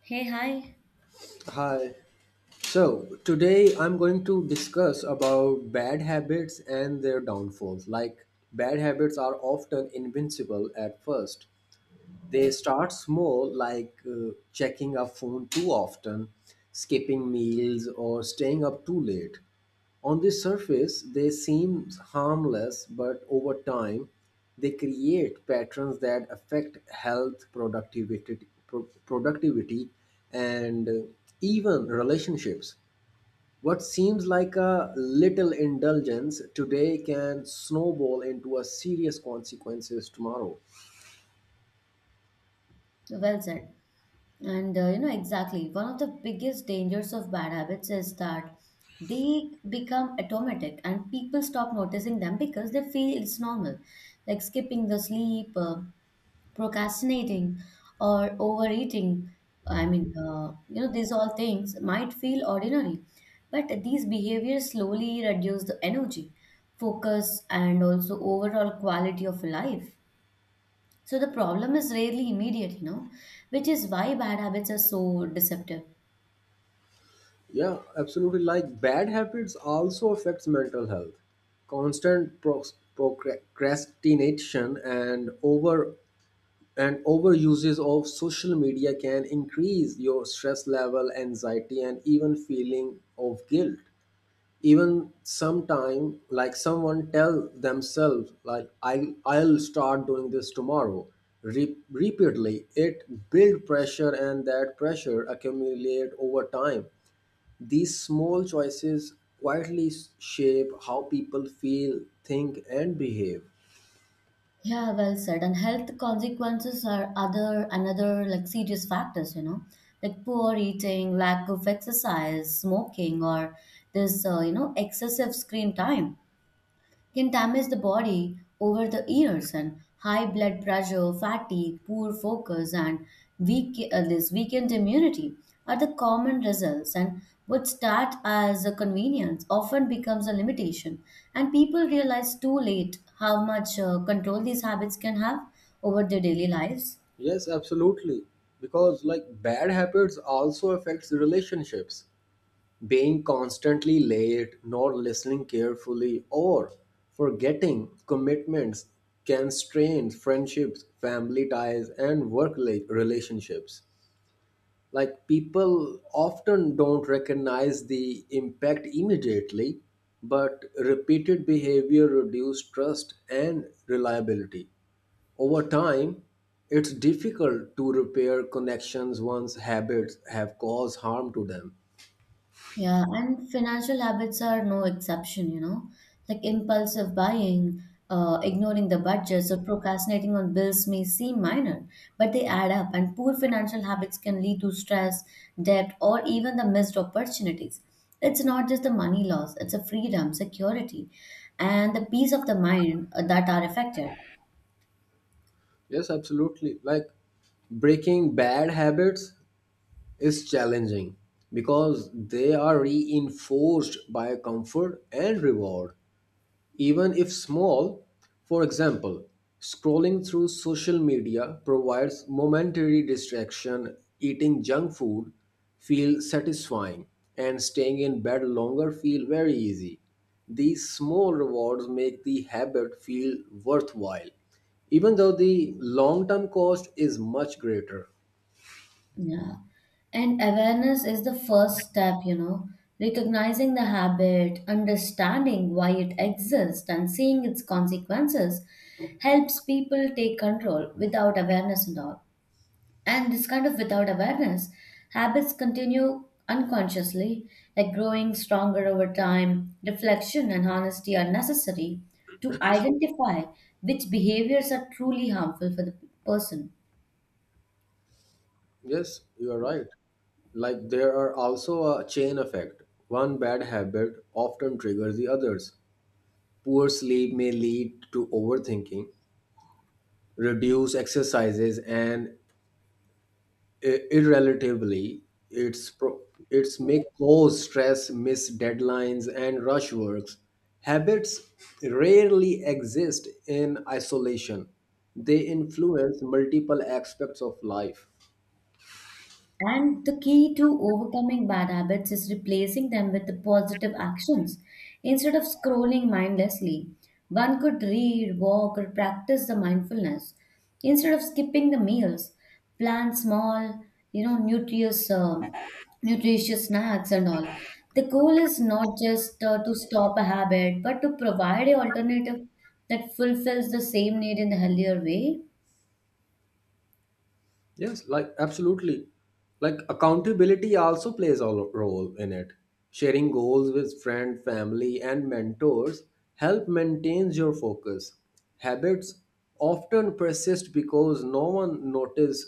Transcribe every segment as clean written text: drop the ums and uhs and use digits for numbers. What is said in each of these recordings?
Hey, hi. Hi. So today I'm going to discuss about bad habits and their downfalls. Like bad habits are often invincible at first. They start small, like checking a phone too often, skipping meals, or staying up too late. On the surface, they seem harmless, but over time, they create patterns that affect health, productivity, productivity and even relationships. What seems like a little indulgence today can snowball into a serious consequences tomorrow. Well said. And exactly, one of the biggest dangers of bad habits is that they become automatic and people stop noticing them because they feel it's normal, like skipping the sleep, procrastinating, or overeating. I mean, these all things might feel ordinary, but these behaviors slowly reduce the energy, focus, and also overall quality of life. So the problem is rarely immediate, which is why bad habits are so deceptive. Yeah, absolutely. Like bad habits also affects mental health. Constant procrastination and overuses of social media can increase your stress level anxiety and even feeling of guilt, even sometime like someone tell themselves like I'll start doing this tomorrow. Repeatedly it build pressure and that pressure accumulate over time. These small choices quietly shape how people feel, think, and behave. Yeah, well said. And health consequences are other another like serious factors, like poor eating, lack of exercise, smoking, or this excessive screen time can damage the body over the years, and high blood pressure, fatigue, poor focus, and weakened immunity are the common results. And what start as a convenience often becomes a limitation, and people realize too late how much control these habits can have over their daily lives. Yes, absolutely. Because like bad habits also affects relationships. Being constantly late, not listening carefully, or forgetting commitments can strain friendships, family ties, and work relationships. Like people often don't recognize the impact immediately, but repeated behavior reduce trust and reliability. Over time, it's difficult to repair connections once habits have caused harm to them. Yeah, and financial habits are no exception, like impulsive buying, ignoring the budgets, or procrastinating on bills may seem minor, but they add up, and poor financial habits can lead to stress, debt, or even the missed opportunities. It's not just the money loss, it's a freedom, security, and the peace of the mind that are affected. Yes, absolutely. Like breaking bad habits is challenging because they are reinforced by comfort and reward. Even if small, for example, scrolling through social media provides momentary distraction, eating junk food feels satisfying, and staying in bed longer feel very easy. These small rewards make the habit feel worthwhile, even though the long term cost is much greater. Yeah. And awareness is the first step, recognizing the habit, understanding why it exists, and seeing its consequences helps people take control without awareness and all. And this kind of without awareness, habits continue unconsciously, like growing stronger over time. Reflection and honesty are necessary to identify which behaviors are truly harmful for the person. Yes, you are right. Like there are also a chain effect. One bad habit often triggers the others. Poor sleep may lead to overthinking, reduced exercises, and irrelatively, it's pro- it's may cause stress, miss deadlines, and rush works. Habits rarely exist in isolation; they influence multiple aspects of life. And the key to overcoming bad habits is replacing them with the positive actions. Instead of scrolling mindlessly, one could read, walk, or practice the mindfulness. Instead of skipping the meals, plan small, you know, nutritious, uh, nutritious snacks and all. The goal is not just to stop a habit, but to provide an alternative that fulfills the same need in a healthier way. Yes, like absolutely. Like accountability also plays a role in it. Sharing goals with friend, family, and mentors help maintains your focus. Habits often persist because no one notice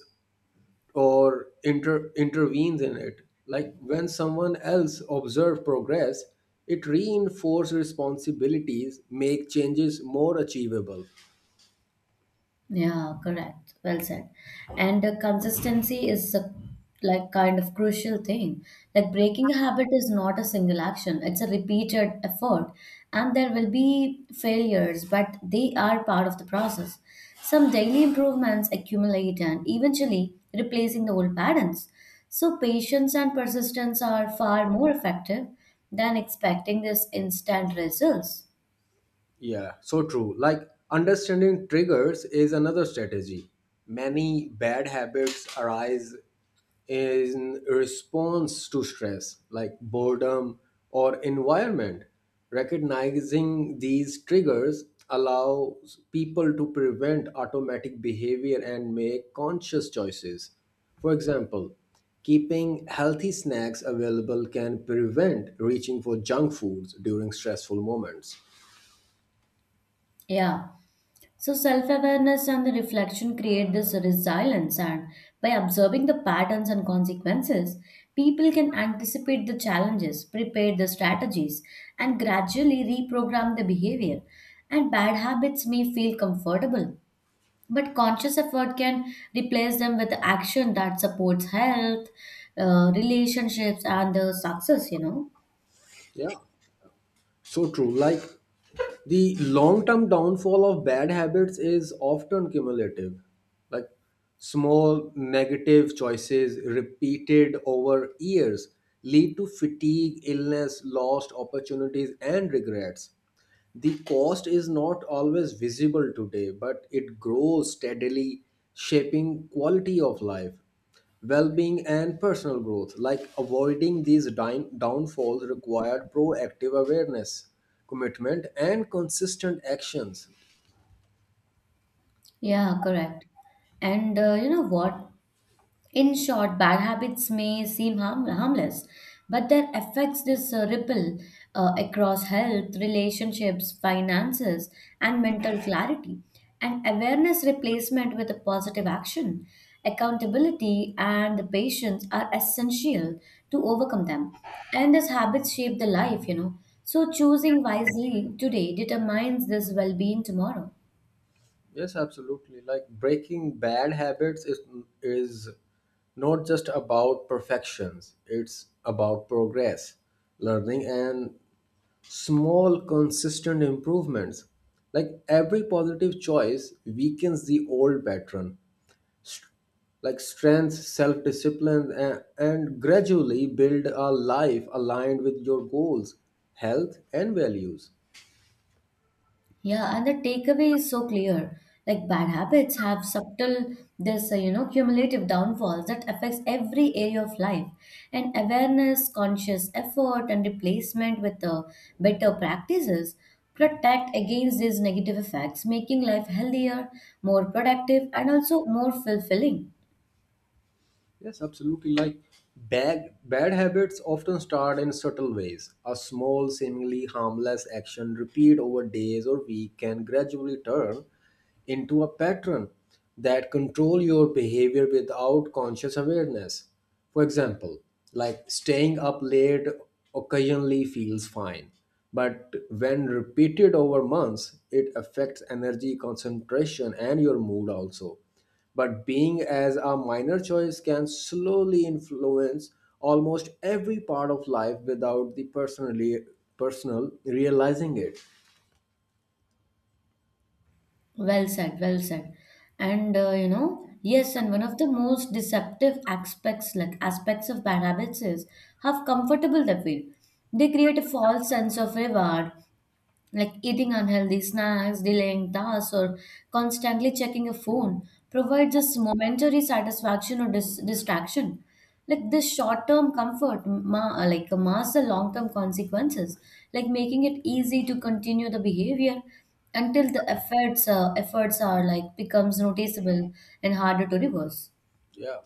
or intervenes in it. Like when someone else observes progress, it reinforces responsibilities, make changes more achievable. Yeah, correct. Well said. And consistency is a, like kind of crucial thing. Like breaking a habit is not a single action, it's a repeated effort. And there will be failures, but they are part of the process. Some daily improvements accumulate and eventually replacing the old patterns. So patience and persistence are far more effective than expecting this instant results. Yeah, so true. Like understanding triggers is another strategy. Many bad habits arise in response to stress, like boredom or environment. Recognizing these triggers allows people to prevent automatic behavior and make conscious choices. For example, keeping healthy snacks available can prevent reaching for junk foods during stressful moments. Yeah. So self awareness and the reflection create this resilience, and by observing the patterns and consequences, people can anticipate the challenges, prepare the strategies, and gradually reprogram the behavior. And bad habits may feel comfortable, but conscious effort can replace them with action that supports health, relationships, and the success, Yeah. So true. Like the long term downfall of bad habits is often cumulative. Like small negative choices repeated over years lead to fatigue, illness, lost opportunities, and regrets. The cost is not always visible today, but it grows steadily, shaping quality of life, well being, and personal growth. Like avoiding these downfalls required proactive awareness, commitment, and consistent actions. Yeah, correct. And you know what? In short, bad habits may seem harmless, but their effects this ripple across health, relationships, finances, and mental clarity. And awareness replacement with a positive action, accountability, and the patience are essential to overcome them. And these habits shape the life, So choosing wisely today determines this well-being tomorrow. Yes, absolutely. Like breaking bad habits is not just about perfections, it's about progress, learning, and small consistent improvements. Like every positive choice weakens the old pattern, like strength self-discipline, and gradually build a life aligned with your goals, health, and values. Yeah, and the takeaway is so clear. Like bad habits have subtle, this cumulative downfalls that affects every area of life. And awareness, conscious effort, and replacement with better practices protect against these negative effects, making life healthier, more productive, and also more fulfilling. Yes, absolutely. Like bad habits often start in subtle ways. A small, seemingly harmless action repeated over days or weeks can gradually turn into a pattern that control your behavior without conscious awareness. For example, like staying up late occasionally feels fine, but when repeated over months, it affects energy, concentration, and your mood also, but being as a minor choice can slowly influence almost every part of life without the personal realizing it. Well said, well said. And yes, and one of the most deceptive aspects of bad habits, is how comfortable they feel. They create a false sense of reward, like eating unhealthy snacks, delaying tasks, or constantly checking a phone provides us momentary satisfaction or distraction. Like this short-term comfort, masks the long-term consequences, like making it easy to continue the behavior until the efforts are like becomes noticeable and harder to reverse. Yeah,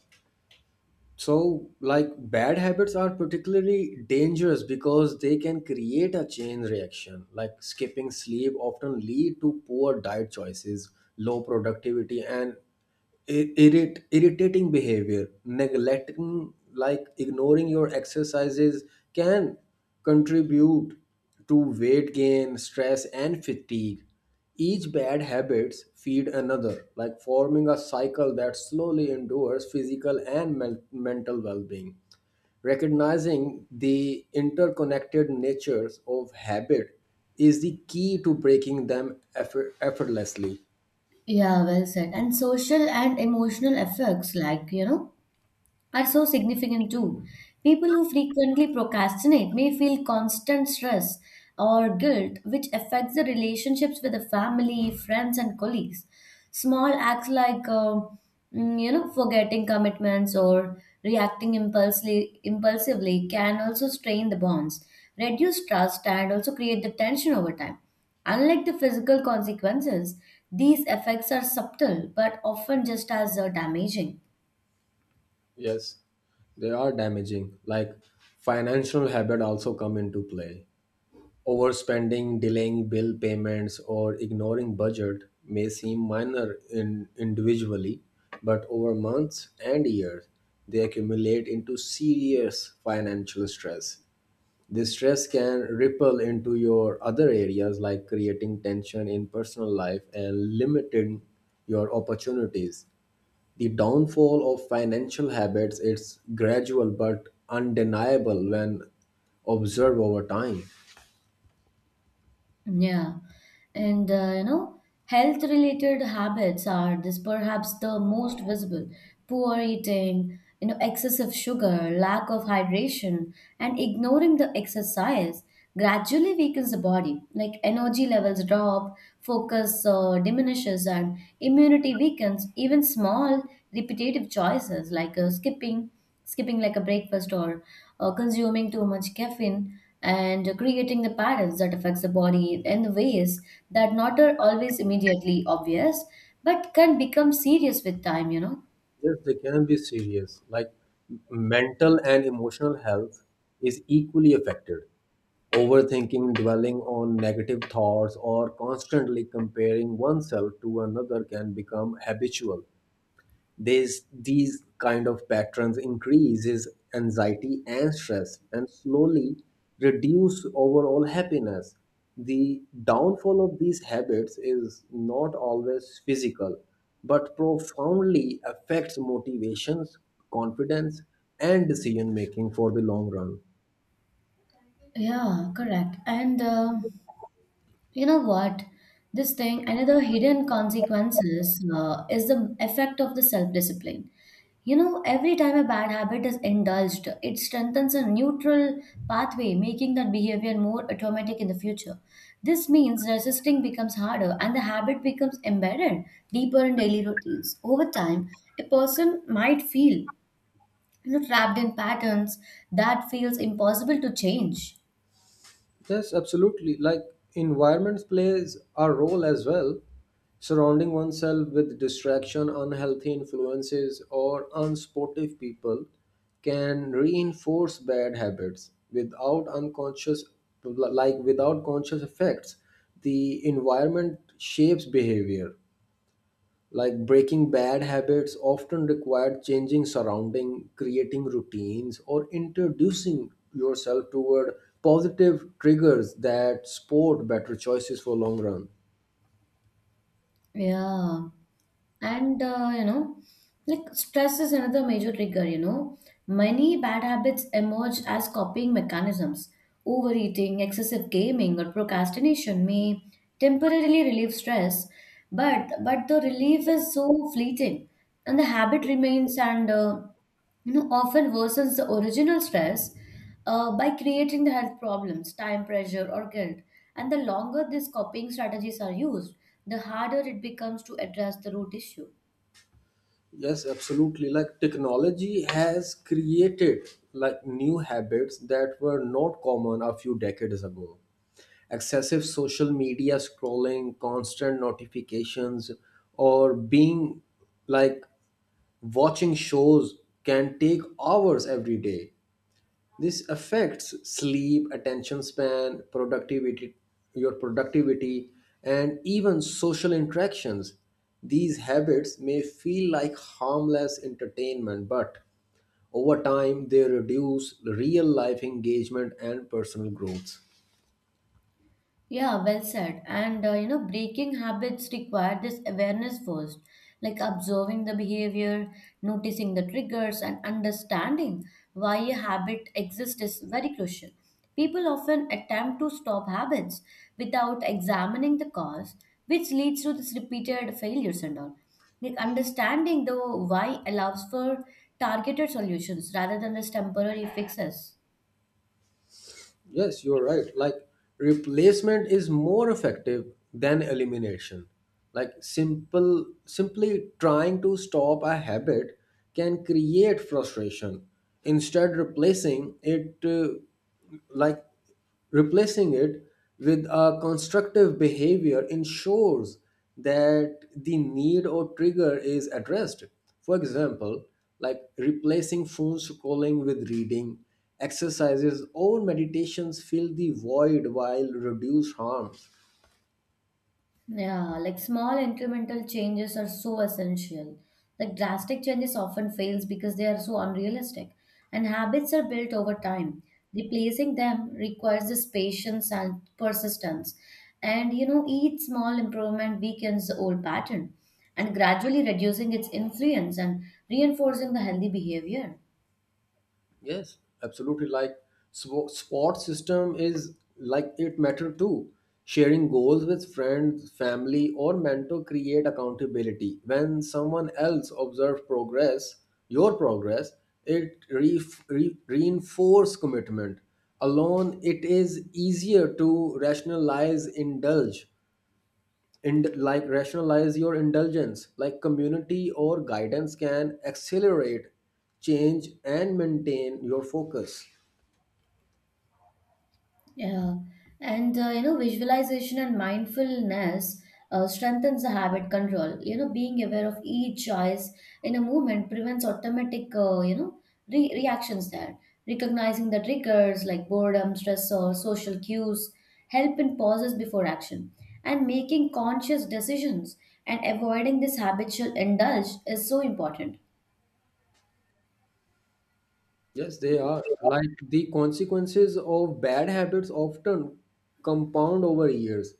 so like bad habits are particularly dangerous because they can create a chain reaction. Like skipping sleep often lead to poor diet choices, low productivity, and irritating behavior, neglecting, like ignoring your exercises, can contribute to weight gain, stress, and fatigue. Each bad habits feed another, like forming a cycle that slowly endures physical and mental well-being. Recognizing the interconnected natures of habit is the key to breaking them effortlessly. Yeah, well said. And social and emotional effects, are so significant too. People who frequently procrastinate may feel constant stress or guilt, which affects the relationships with the family, friends, and colleagues. Small acts like, forgetting commitments or reacting impulsively can also strain the bonds, reduce trust, and also create the tension over time. Unlike the physical consequences, these effects are subtle but often just as damaging. Yes, they are damaging. Like financial habit also come into play. Overspending, delaying bill payments, or ignoring budget may seem minor in individually, but over months and years, they accumulate into serious financial stress. This stress can ripple into your other areas, like creating tension in personal life and limiting your opportunities. The downfall of financial habits is gradual but undeniable when observed over time. Yeah, and health related habits are this perhaps the most visible. Poor eating, excessive sugar, lack of hydration, and ignoring the exercise gradually weakens the body. Like energy levels drop, focus diminishes, and immunity weakens. Even small repetitive choices like skipping like a breakfast or consuming too much caffeine and creating the patterns that affects the body in the ways that not are always immediately obvious but can become serious with time, Yes, they can be serious. Like mental and emotional health is equally affected. Overthinking, dwelling on negative thoughts, or constantly comparing oneself to another can become habitual. These kind of patterns increases anxiety and stress and slowly reduce overall happiness. The downfall of these habits is not always physical, but profoundly affects motivations, confidence, and decision making for the long run. yeah, correct. And you know what? This thing, another hidden consequences is the effect of the self-discipline. You know, every time a bad habit is indulged, it strengthens a neutral pathway, making that behavior more automatic in the future. This means resisting becomes harder and the habit becomes embedded deeper in daily routines. Over time, a person might feel, trapped in patterns that feels impossible to change. Yes, absolutely. Like environment plays a role as well. Surrounding oneself with distraction, unhealthy influences, or unsportive people can reinforce bad habits without unconscious, like without conscious effects. The environment shapes behavior, like breaking bad habits often require changing surrounding, creating routines, or introducing yourself toward positive triggers that support better choices for long run. Yeah. And like stress is another major trigger, many bad habits emerge as copying mechanisms. Overeating, excessive gaming, or procrastination may temporarily relieve stress, but the relief is so fleeting and the habit remains, and often worsens the original stress by creating the health problems, time pressure, or guilt. And the longer these coping strategies are used, the harder it becomes to address the root issue. Yes, absolutely. Like technology has created like new habits that were not common a few decades ago. Excessive social media scrolling, constant notifications, or being like watching shows can take hours every day. This affects sleep, attention span, productivity, your productivity, and even social interactions. These habits may feel like harmless entertainment, but over time they reduce real life engagement and personal growth. Yeah, well said. And breaking habits require this awareness first, like observing the behavior, noticing the triggers, and understanding why a habit exists is very crucial. People often attempt to stop habits without examining the cause, which leads to this repeated failures and all. Like understanding the why allows for targeted solutions rather than this temporary fixes. Yes, you're right. Like replacement is more effective than elimination. Like simple simply trying to stop a habit can create frustration. Instead like replacing it with a constructive behavior ensures that the need or trigger is addressed. For example, like replacing phone scrolling with reading, exercises, or meditations fill the void while reduce harm. Yeah, like small incremental changes are so essential. Like drastic changes often fails because they are so unrealistic, and habits are built over time. Replacing them requires this patience and persistence. And you know, each small improvement weakens the old pattern and gradually reducing its influence and reinforcing the healthy behavior. Yes, absolutely. Like squad system is like it matter too. Sharing goals with friends, family, or mentor create accountability. When someone else observes progress, your progress, it reinforce commitment. Alone, it is easier to rationalize, indulge, and like rationalize your indulgence. Like community or guidance can accelerate change and maintain your focus. Yeah, and visualization and mindfulness strengthens the habit control. You know, being aware of each choice in a movement prevents automatic, re reactions there. Recognizing the triggers like boredom, stress, or social cues help in pauses before action. And making conscious decisions and avoiding this habitual indulge is so important. Yes, they are. Like the consequences of bad habits often compound over years,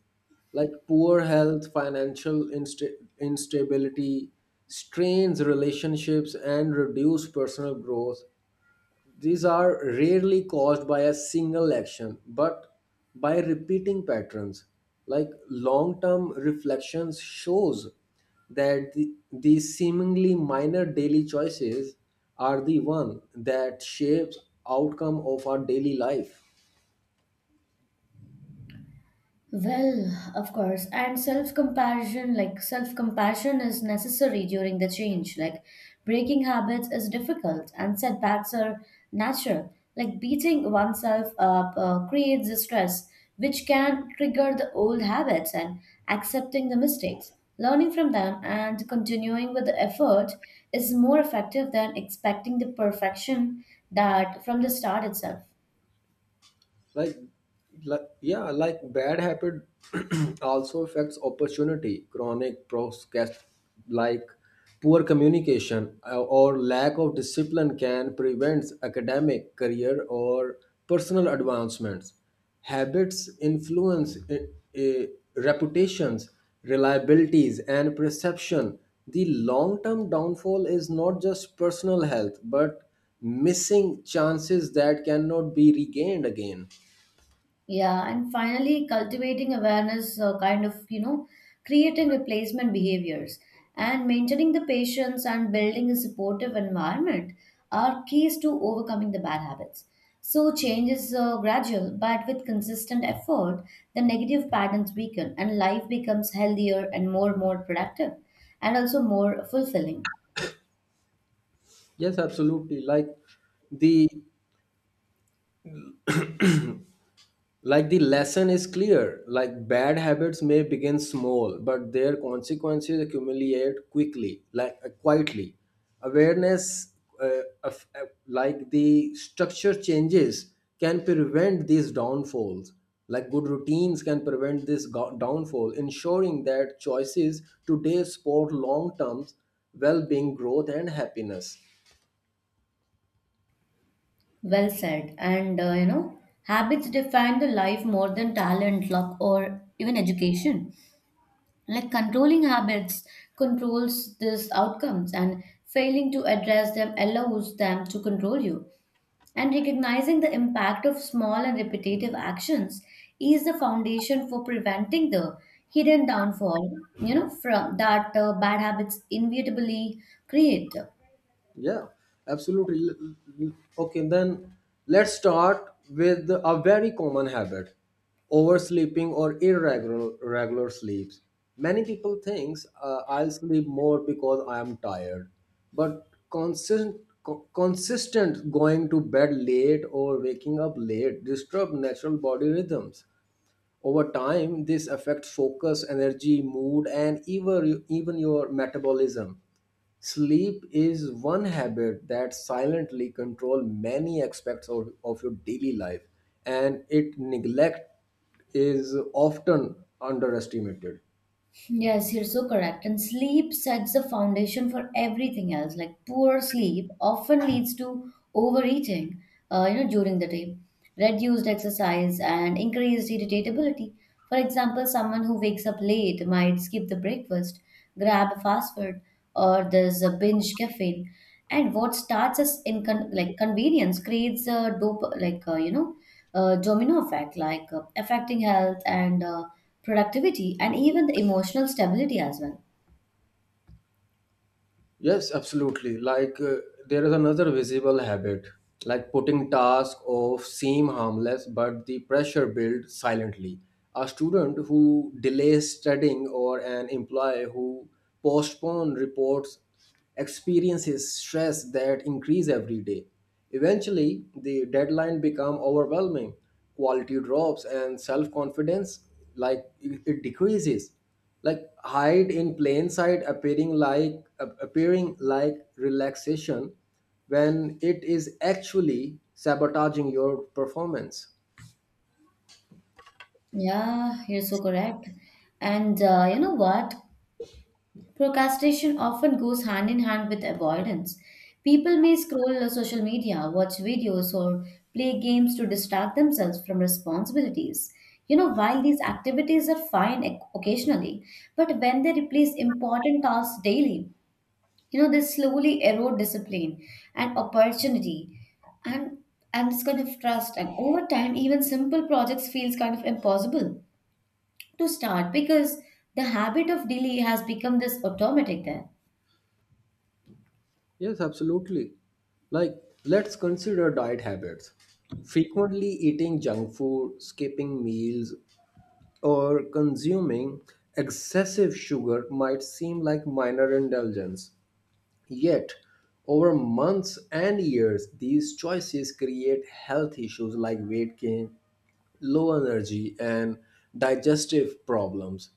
like poor health, financial instability, strains relationships, and reduce personal growth. These are rarely caused by a single action, but by repeating patterns. Like long-term reflections shows that these seemingly minor daily choices are the one that shapes outcome of our daily life. Well, of course, and self compassion is necessary during the change. Like breaking habits is difficult, and setbacks are natural. Like beating oneself up creates the stress, which can trigger the old habits, and accepting the mistakes, learning from them, and continuing with the effort is more effective than expecting the perfection that from the start itself. like yeah, like bad habit also affects opportunity. Chronic procrast, like poor communication, or lack of discipline can prevent academic career or personal advancements. Habits influence uh, reputations, reliabilities, and perception. The long-term downfall is not just personal health, but missing chances that cannot be regained again. Yeah, and finally, cultivating awareness, creating replacement behaviors and maintaining the patience and building a supportive environment are keys to overcoming the bad habits. So, change is gradual, but with consistent effort, the negative patterns weaken and life becomes healthier and more productive and also more fulfilling. Yes, absolutely. The like the lesson is clear. Like bad habits may begin small, but their consequences accumulate quickly, like quietly. Awareness of, like the structure changes, can prevent these downfalls. Like good routines can prevent this downfall, ensuring that choices today support long-term well-being, growth, and happiness. Well said. And, habits define the life more than talent, luck, or even education. Like controlling habits controls these outcomes, and failing to address them allows them to control you. And recognizing the impact of small and repetitive actions is the foundation for preventing the hidden downfall, from that bad habits inevitably create. Yeah, absolutely. L- Okay, then let's start with a very common habit, oversleeping or irregular regular sleeps. Many people think I'll sleep more because I am tired, but consistent, consistent going to bed late or waking up late disturb natural body rhythms. Over time, this affects focus, energy, mood, and even your metabolism. Sleep is one habit that silently control many aspects of your daily life, and it neglect is often underestimated. Yes, you're so correct. And sleep sets the foundation for everything else. Like poor sleep often leads to overeating, during the day, reduced exercise, and increased irritability. For example, someone who wakes up late might skip the breakfast, grab a fast food, or there's a binge caffeine. And what starts as in convenience creates a dope like you know domino effect, like affecting health and productivity and even the emotional stability as well. Yes, absolutely. Like there is another visible habit, like putting tasks off seem harmless, but the pressure builds silently. A student who delays studying or an employee who postpone reports experiences stress that increase every day. Eventually, the deadline become overwhelming. Quality drops and self-confidence, like it decreases, like hide in plain sight, appearing like relaxation when it is actually sabotaging your performance. Yeah, you're so correct. And you know what, procrastination often goes hand in hand with avoidance. People may scroll social media, watch videos, or play games to distract themselves from responsibilities, while these activities are fine occasionally, but when they replace important tasks daily, they slowly erode discipline and opportunity and this kind of trust. And over time, even simple projects feels kind of impossible to start because the habit of delay has become this automatic there. Yes, absolutely. Like let's consider diet habits. Frequently eating junk food, skipping meals, or consuming excessive sugar might seem like minor indulgence. Yet, over months and years, these choices create health issues like weight gain, low energy, and digestive problems.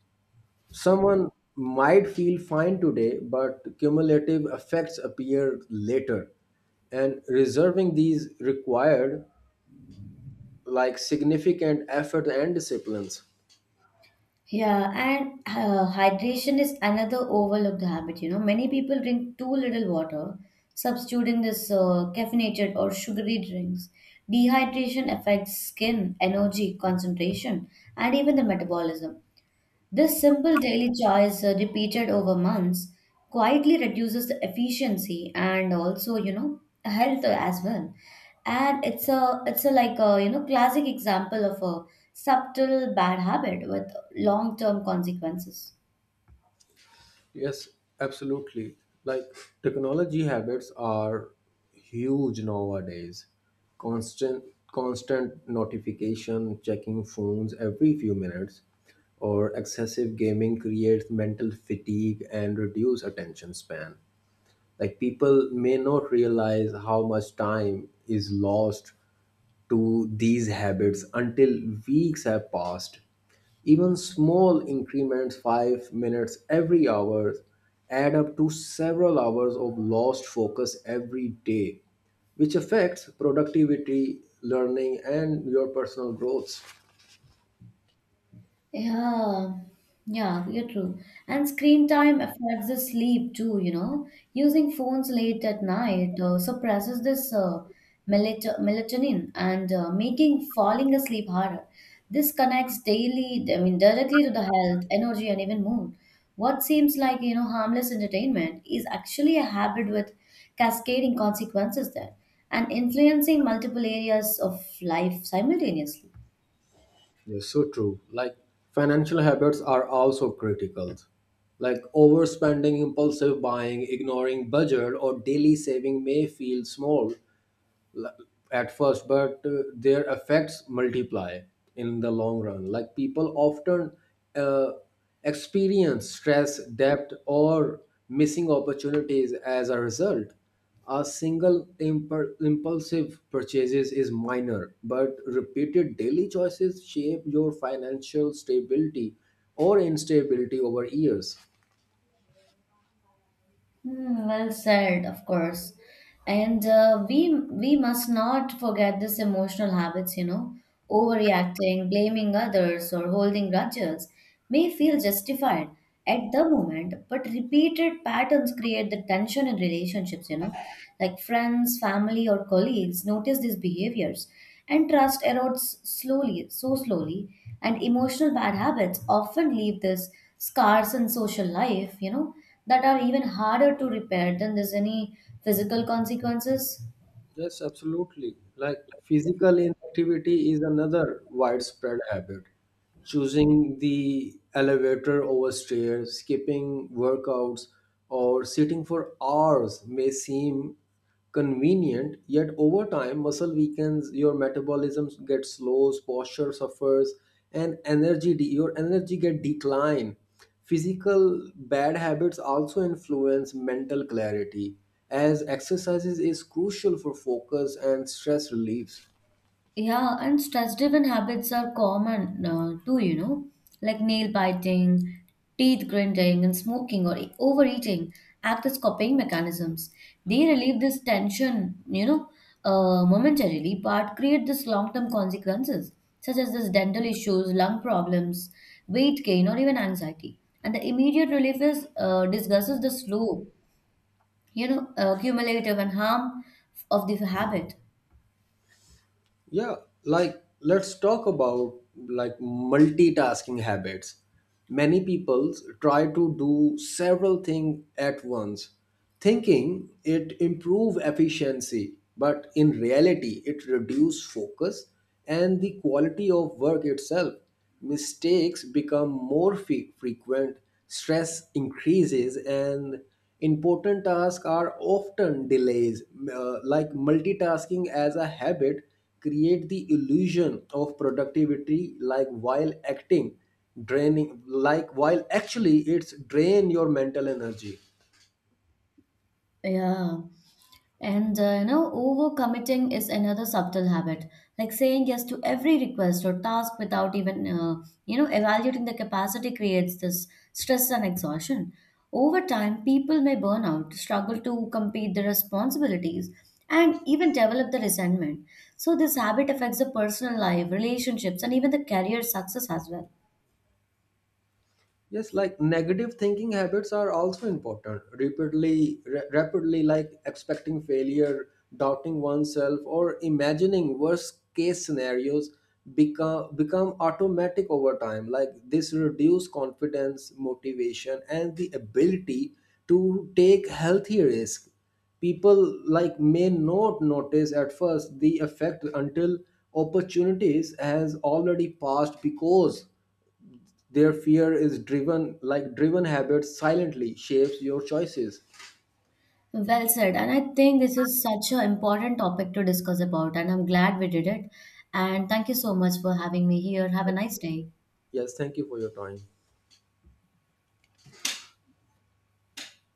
Someone might feel fine today, but cumulative effects appear later, and reserving these required like significant effort and disciplines. Yeah, and hydration is another overlooked habit, many people drink too little water, substituting this caffeinated or sugary drinks. Dehydration affects skin, energy, concentration, and even the metabolism. This simple daily choice, repeated over months, quietly reduces the efficiency and also, health as well. And it's a like a, classic example of a subtle bad habit with long-term consequences. Yes, absolutely. Like technology habits are huge nowadays. Constant constant notification, checking phones every few minutes, or excessive gaming creates mental fatigue and reduce attention span. Like people may not realize how much time is lost to these habits until weeks have passed. Even small increments, 5 minutes every hour, add up to several hours of lost focus every day, which affects productivity, learning, and your personal growth. Yeah, yeah, you're true. And screen time affects the sleep too, Using phones late at night suppresses this melatonin and making falling asleep harder. This connects daily, I mean, directly to the health, energy, and even mood. What seems like, harmless entertainment is actually a habit with cascading consequences there, and influencing multiple areas of life simultaneously. Yes, so true. Like financial habits are also critical. Like overspending, impulsive buying, ignoring budget, or daily saving may feel small, l- at first, but their effects multiply in the long run. Like people often uh, experience stress, debt, or missing opportunities as a result. A single impulsive purchases is minor, but repeated daily choices shape your financial stability or instability over years. Hmm, well said, of course. And we must not forget this emotional habits, overreacting, blaming others, or holding grudges may feel justified at the moment, but repeated patterns create the tension in relationships, like friends, family, or colleagues notice these behaviors, and trust erodes slowly, so slowly, and emotional bad habits often leave these scars in social life, that are even harder to repair than there's any physical consequences. Yes, absolutely. Like physical inactivity is another widespread habit. Choosing the elevator over stairs, skipping workouts, or sitting for hours may seem convenient, yet over time, muscle weakens, your metabolism gets slow, posture suffers, and energy your energy get decline. Physical bad habits also influence mental clarity, as exercises is crucial for focus and stress reliefs. Yeah, and stress driven habits are common too, like nail biting, teeth grinding, and smoking or overeating act as coping mechanisms. They relieve this tension, momentarily, but create this long term consequences such as this dental issues, lung problems, weight gain, or even anxiety. And the immediate relief is discusses the slow, cumulative and harm of the habit. Yeah, like let's talk about like multitasking habits. Many people try to do several things at once, thinking it improve efficiency, but in reality it reduce focus and the quality of work itself. Mistakes become more frequent, stress increases, and important tasks are often delays. Like multitasking as a habit create the illusion of productivity, like while acting draining, like while actually it's drain your mental energy. Yeah, and overcommitting is another subtle habit, like saying yes to every request or task without even evaluating the capacity creates this stress and exhaustion. Over time, people may burn out, struggle to complete their responsibilities, and even develop the resentment. So this habit affects the personal life, relationships, and even the career success as well. Yes, like negative thinking habits are also important. Rapidly, rapidly, like expecting failure, doubting oneself, or imagining worst case scenarios become automatic over time. Like this reduce confidence, motivation, and the ability to take healthy risk. People like may not notice at first the effect until opportunities has already passed because their fear is driven, like driven habits, silently shapes your choices. Well said. And I think this is such an important topic to discuss about, and I'm glad we did it. And thank you so much for having me here. Have a nice day. Yes, thank you for your time.